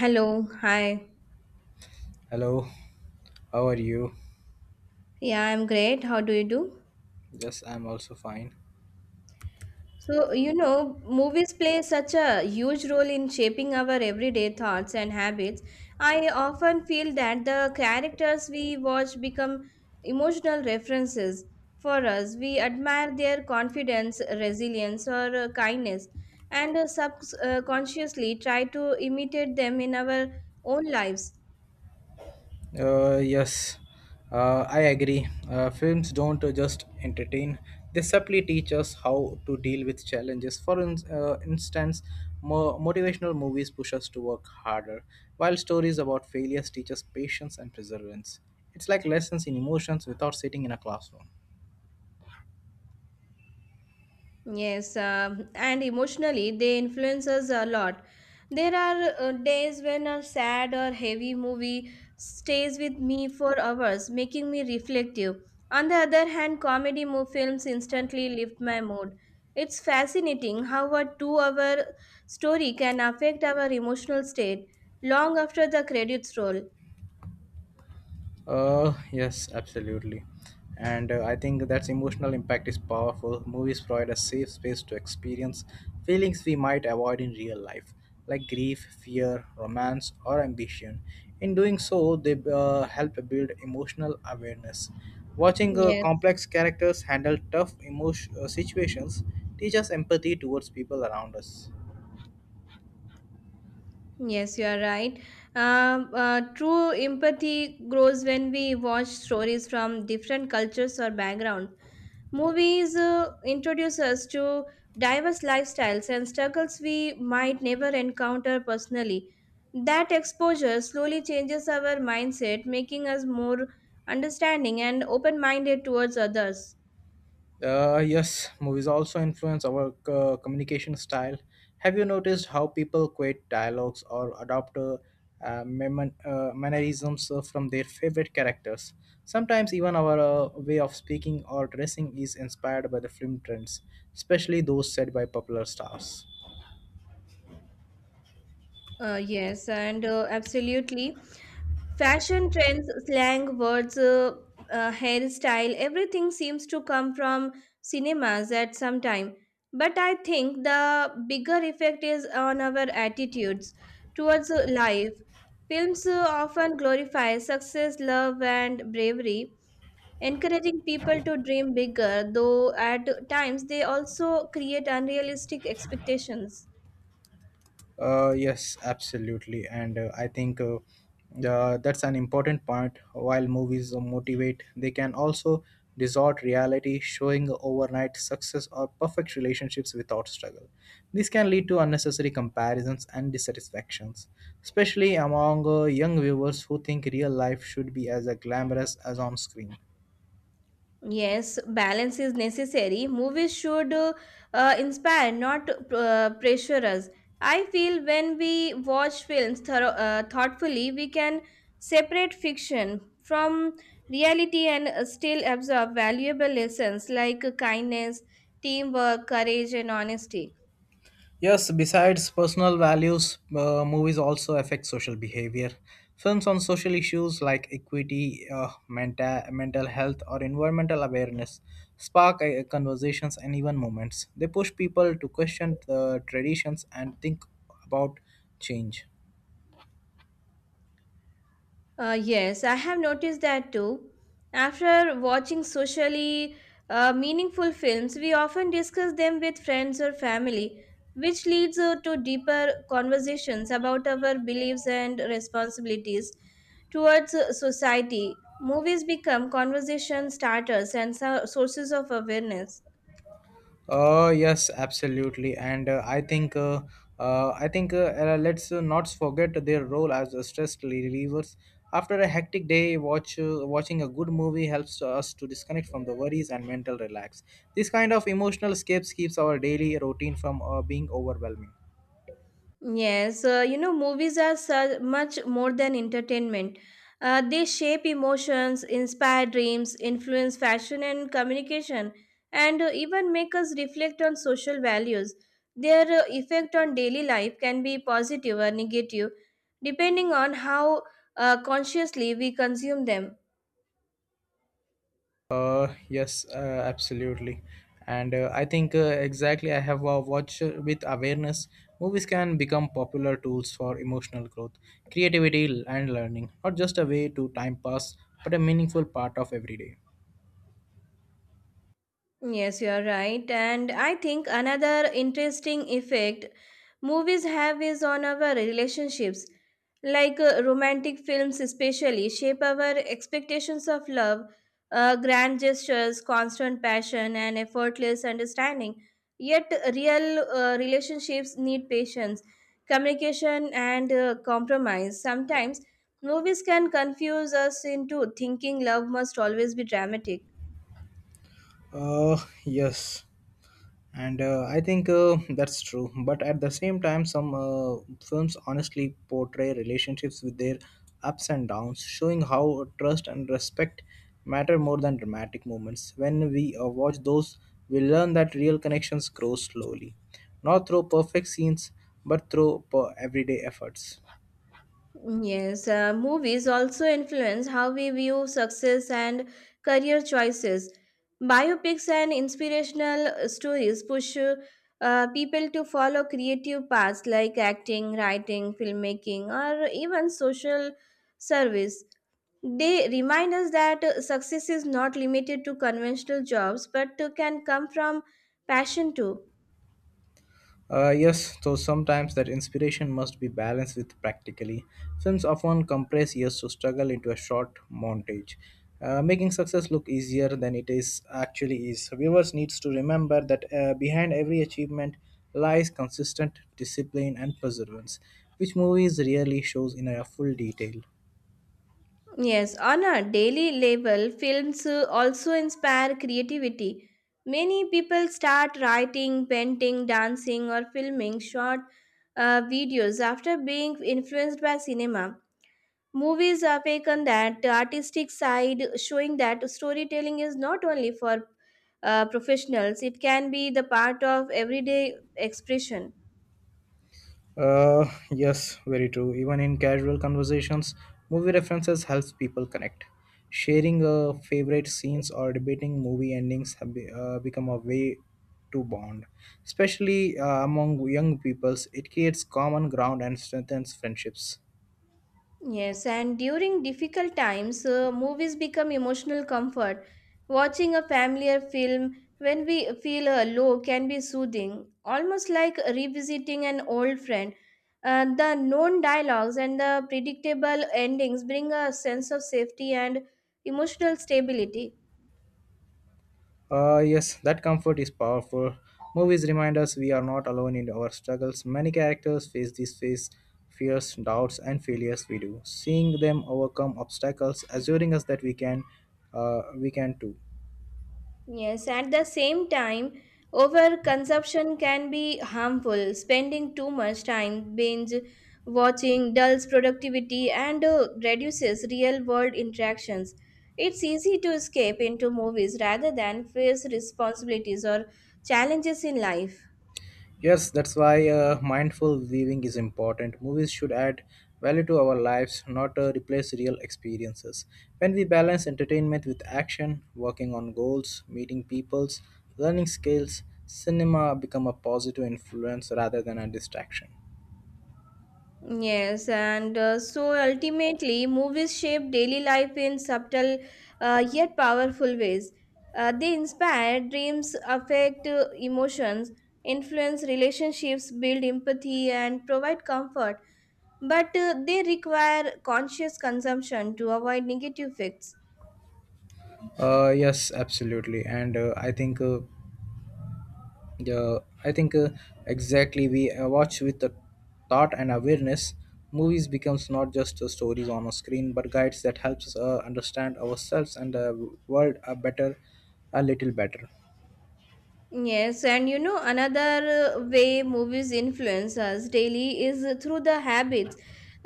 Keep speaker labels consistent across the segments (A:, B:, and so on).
A: Hello, hi.
B: Hello, how are you?
A: Yeah, I'm great. How do you do?
B: Yes, I'm also fine.
A: So, movies play such a huge role in shaping our everyday thoughts and habits. I often feel that the characters we watch become emotional references for us. We admire their confidence, resilience, or kindness, and subconsciously try to imitate them in our own lives.
B: Uh, yes, I agree. Films don't just entertain, they subtly teach us how to deal with challenges. Instance, motivational movies push us to work harder, while stories about failures teach us patience and perseverance. It's like lessons in emotions without sitting in a classroom.
A: Yes, and emotionally, they influence us a lot. There are days when a sad or heavy movie stays with me for hours, making me reflective. On the other hand, films instantly lift my mood. It's fascinating how a 2-hour story can affect our emotional state long after the credits roll.
B: Yes, absolutely. And I think that's emotional impact is powerful. Movies provide a safe space to experience feelings we might avoid in real life, like grief, fear, romance, or ambition. In doing so, they help build emotional awareness. Watching
A: Yes.
B: complex characters handle tough emotion situations teaches empathy towards people around us.
A: Yes, you are right. True empathy grows when we watch stories from different cultures or backgrounds. Movies introduce us to diverse lifestyles and struggles we might never encounter personally. That exposure slowly changes our mindset, making us more understanding and open minded towards others.
B: Yes, movies also influence our communication style. Have you noticed how people quote dialogues or adopt mannerisms from their favorite characters? Sometimes even our way of speaking or dressing is inspired by the film trends, especially those set by popular stars.
A: Yes, and absolutely. Fashion trends, slang words, hairstyle, everything seems to come from cinemas at some time. But I think the bigger effect is on our attitudes towards life. Films often glorify success, love, and bravery, encouraging people to dream bigger, though at times they also create unrealistic expectations.
B: Yes, absolutely, and I think that's an important point. While movies motivate, they can also distort reality, showing overnight success or perfect relationships without struggle. This can lead to unnecessary comparisons and dissatisfactions, especially among young viewers who think real life should be as glamorous as on screen.
A: Yes, balance is necessary. Movies should inspire, not pressure us. I feel when we watch films thoughtfully, we can separate fiction from reality and still absorb valuable lessons like kindness, teamwork, courage, and honesty.
B: Yes, besides personal values, movies also affect social behavior. Films on social issues like equity, mental health, or environmental awareness spark conversations and even movements. They push people to question the traditions and think about change.
A: Yes, I have noticed that too. After watching socially meaningful films, we often discuss them with friends or family, which leads to deeper conversations about our beliefs and responsibilities towards society. Movies become conversation starters and sources of awareness.
B: Yes, absolutely, and I think let's not forget their role as stress relievers. After a hectic day, watching a good movie helps to us to disconnect from the worries and mental relax. This kind of emotional escapes keeps our daily routine from being overwhelming.
A: Yes, movies are so much more than entertainment. They shape emotions, inspire dreams, influence fashion and communication, and even make us reflect on social values. Their effect on daily life can be positive or negative, depending on how consciously we consume them.
B: Uh, yes, uh, Absolutely. And I think Exactly I have watched with awareness, movies can become popular tools for emotional growth, creativity, and learning. Not just a way to time pass, but a meaningful part of every day.
A: Yes, you are right. And I think another interesting effect movies have is on our relationships. Like romantic films, especially, shape our expectations of love, grand gestures, constant passion, and effortless understanding. Yet, real relationships need patience, communication, and compromise. Sometimes, movies can confuse us into thinking love must always be dramatic.
B: Uh, yes, and I think that's true, but at the same time some films honestly portray relationships with their ups and downs, showing how trust and respect matter more than dramatic moments. When we watch those, we learn that real connections grow slowly, not through perfect scenes but through everyday efforts.
A: Yes, movies also influence how we view success and career choices. Biopics and inspirational stories push people to follow creative paths like acting, writing, filmmaking, or even social service. They remind us that success is not limited to conventional jobs but can come from passion too.
B: Yes, so sometimes that inspiration must be balanced with practically. Films often compress years to struggle into a short montage, making success look easier than it is actually is. Viewers needs to remember that behind every achievement lies consistent discipline and perseverance, which movies rarely shows in a full detail.
A: Yes, on a daily level, films also inspire creativity. Many people start writing, painting, dancing, or filming short videos after being influenced by cinema. Movies awaken that artistic side, showing that storytelling is not only for professionals, it can be the part of everyday expression.
B: Yes, very true. Even in casual conversations, movie references helps people connect. Sharing favorite scenes or debating movie endings have become a way to bond. Especially among young peoples, it creates common ground and strengthens friendships.
A: Yes, and during difficult times, movies become emotional comfort. Watching a familiar film when we feel low can be soothing, almost like revisiting an old friend. The known dialogues and the predictable endings bring a sense of safety and emotional stability.
B: Yes, that comfort is powerful. Movies remind us we are not alone in our struggles. Many characters face these face fears, doubts, and failures we do. Seeing them overcome obstacles, assuring us that we can too.
A: Yes, at the same time, overconsumption can be harmful. Spending too much time binge watching dulls productivity and reduces real world interactions. It's easy to escape into movies rather than face responsibilities or challenges in life.
B: Yes, that's why mindful living is important. Movies should add value to our lives, not replace real experiences. When we balance entertainment with action, working on goals, meeting peoples, learning skills, cinema become a positive influence rather than a distraction.
A: Yes, and so ultimately, movies shape daily life in subtle yet powerful ways. They inspire dreams, affect emotions, influence relationships, build empathy, and provide comfort. But they require conscious consumption to avoid negative effects.
B: Yes, absolutely, and I think. Yeah, I think Exactly. We watch with the thought and awareness. Movies becomes not just stories on a screen, but guides that helps us understand ourselves and the world a little better.
A: Yes, and you know, another way movies influence us daily is through the habits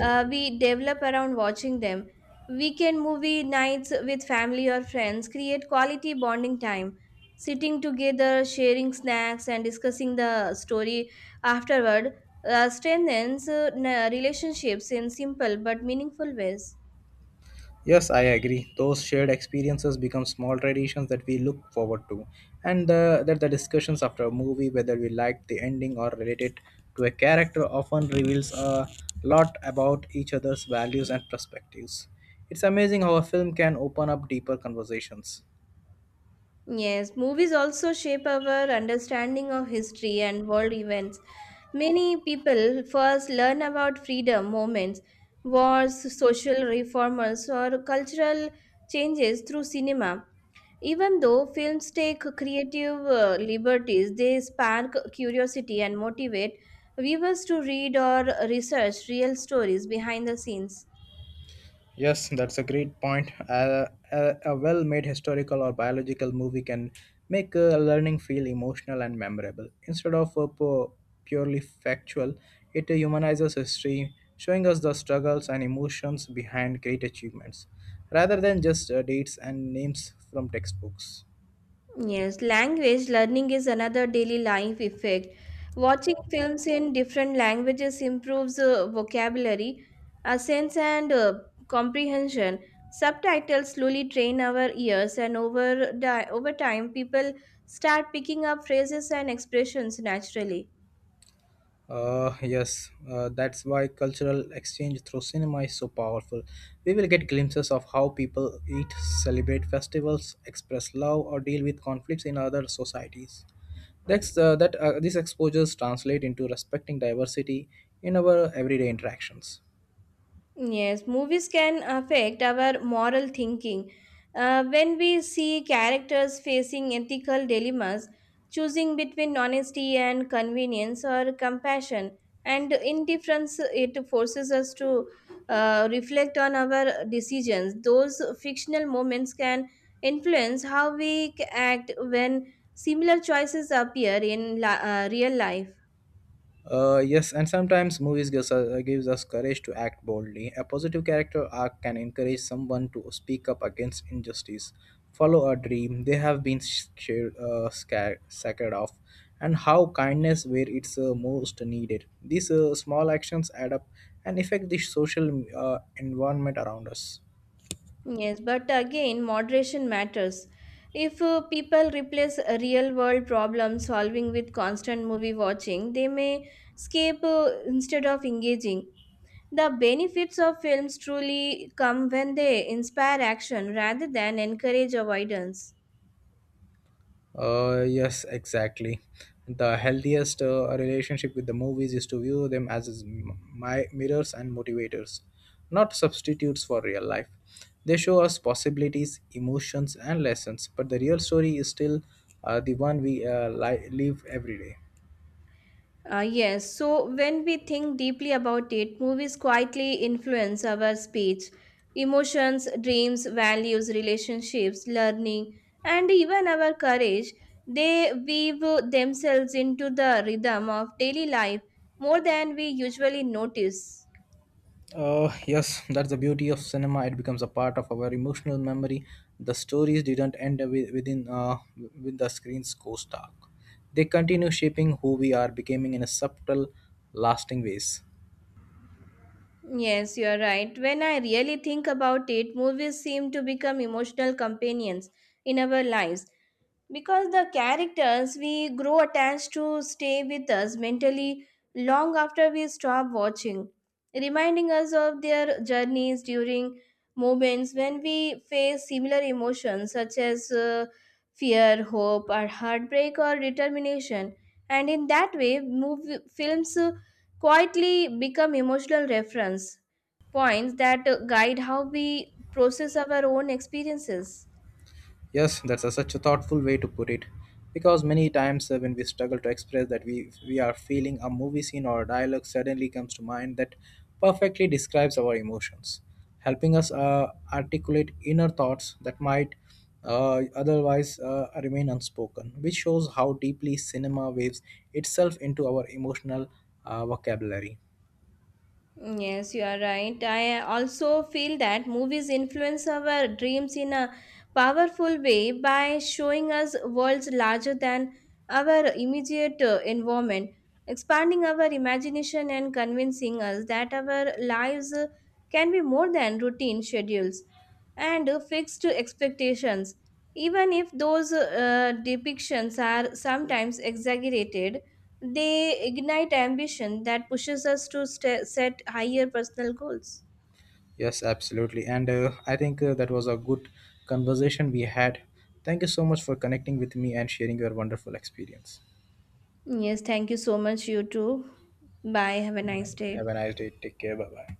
A: we develop around watching them. Weekend movie nights with family or friends create quality bonding time. Sitting together, sharing snacks, and discussing the story afterward strengthens relationships in simple but meaningful ways.
B: Yes, I agree. Those shared experiences become small traditions that we look forward to, and the discussions after a movie, whether we liked the ending or related to a character, often reveals a lot about each other's values and perspectives. It's amazing how a film can open up deeper conversations.
A: Yes, movies also shape our understanding of history and world events. Many people first learn about freedom movements, wars, social reformers, or cultural changes through cinema. Even though films take creative liberties, they spark curiosity and motivate viewers to read or research real stories behind the scenes.
B: Yes, that's a great point. A well made historical or biological movie can make learning feel emotional and memorable. Instead of purely factual, it humanizes history, showing us the struggles and emotions behind great achievements, rather than just dates and names from textbooks.
A: Yes, language learning is another daily life effect. Watching films in different languages improves vocabulary, sense, and comprehension. Subtitles slowly train our ears, and over time, people start picking up phrases and expressions naturally.
B: Yes, that's why cultural exchange through cinema is so powerful. We will get glimpses of how people eat, celebrate festivals, express love, or deal with conflicts in other societies. That's, that These exposures translate into respecting diversity in our everyday interactions.
A: Yes, movies can affect our moral thinking. When we see characters facing ethical dilemmas, choosing between honesty and convenience or compassion and indifference, it forces us to reflect on our decisions. Those fictional moments can influence how act when similar choices appear in real life.
B: Yes, and sometimes gives us courage to act boldly. A positive character arc can encourage someone to speak up against injustice, follow a dream they have been scared of, and how kindness where it's most needed. These small actions add up and affect the social environment around us.
A: Yes, but again, moderation matters. If people replace real world problem solving with constant movie watching, they may escape instead of engaging. The benefits of films truly come when they inspire action rather than encourage avoidance.
B: Yes, exactly. The healthiest relationship with the movies is to view them as my mirrors and motivators, not substitutes for real life. They show us possibilities, emotions, and lessons, but the real story is still the one we live every day.
A: Yes, so when we think deeply about it, movies quietly influence our speech, emotions, dreams, values, relationships, learning, and even our courage. They weave themselves into the rhythm of daily life more than we usually notice.
B: Yes, that's the beauty of cinema. It becomes a part of our emotional memory. The stories didn't end within with the screen's ghost dark. They continue shaping who we are, becoming in a subtle, lasting ways.
A: Yes, you are right. When I really think about it, movies seem to become emotional companions in our lives because the characters we grow attached to stay with us mentally long after we stop watching, reminding us of their journeys during moments when we face similar emotions such as fear, hope, or heartbreak or determination. And in that way, movie films quietly become emotional reference points that guide how we process our own experiences.
B: Yes, that's a, such a thoughtful way to put it. Because many times when we struggle to express that we are feeling, a movie scene or a dialogue suddenly comes to mind that perfectly describes our emotions, helping us articulate inner thoughts that might otherwise remain unspoken, which shows how deeply cinema waves itself into our emotional vocabulary.
A: Yes, you are right. I also feel that movies influence our dreams in a powerful way by showing us worlds larger than our immediate environment, expanding our imagination and convincing us that our lives can be more than routine schedules and fixed expectations. Even if those depictions are sometimes exaggerated, they ignite ambition that pushes us to set higher personal goals.
B: Yes, absolutely. And I think That was a good conversation we had. Thank you so much for connecting with me and sharing your wonderful experience.
A: Yes, thank you so much, you too. Bye. Have a
B: Bye.
A: nice day.
B: Have a nice day. Take care. Bye bye.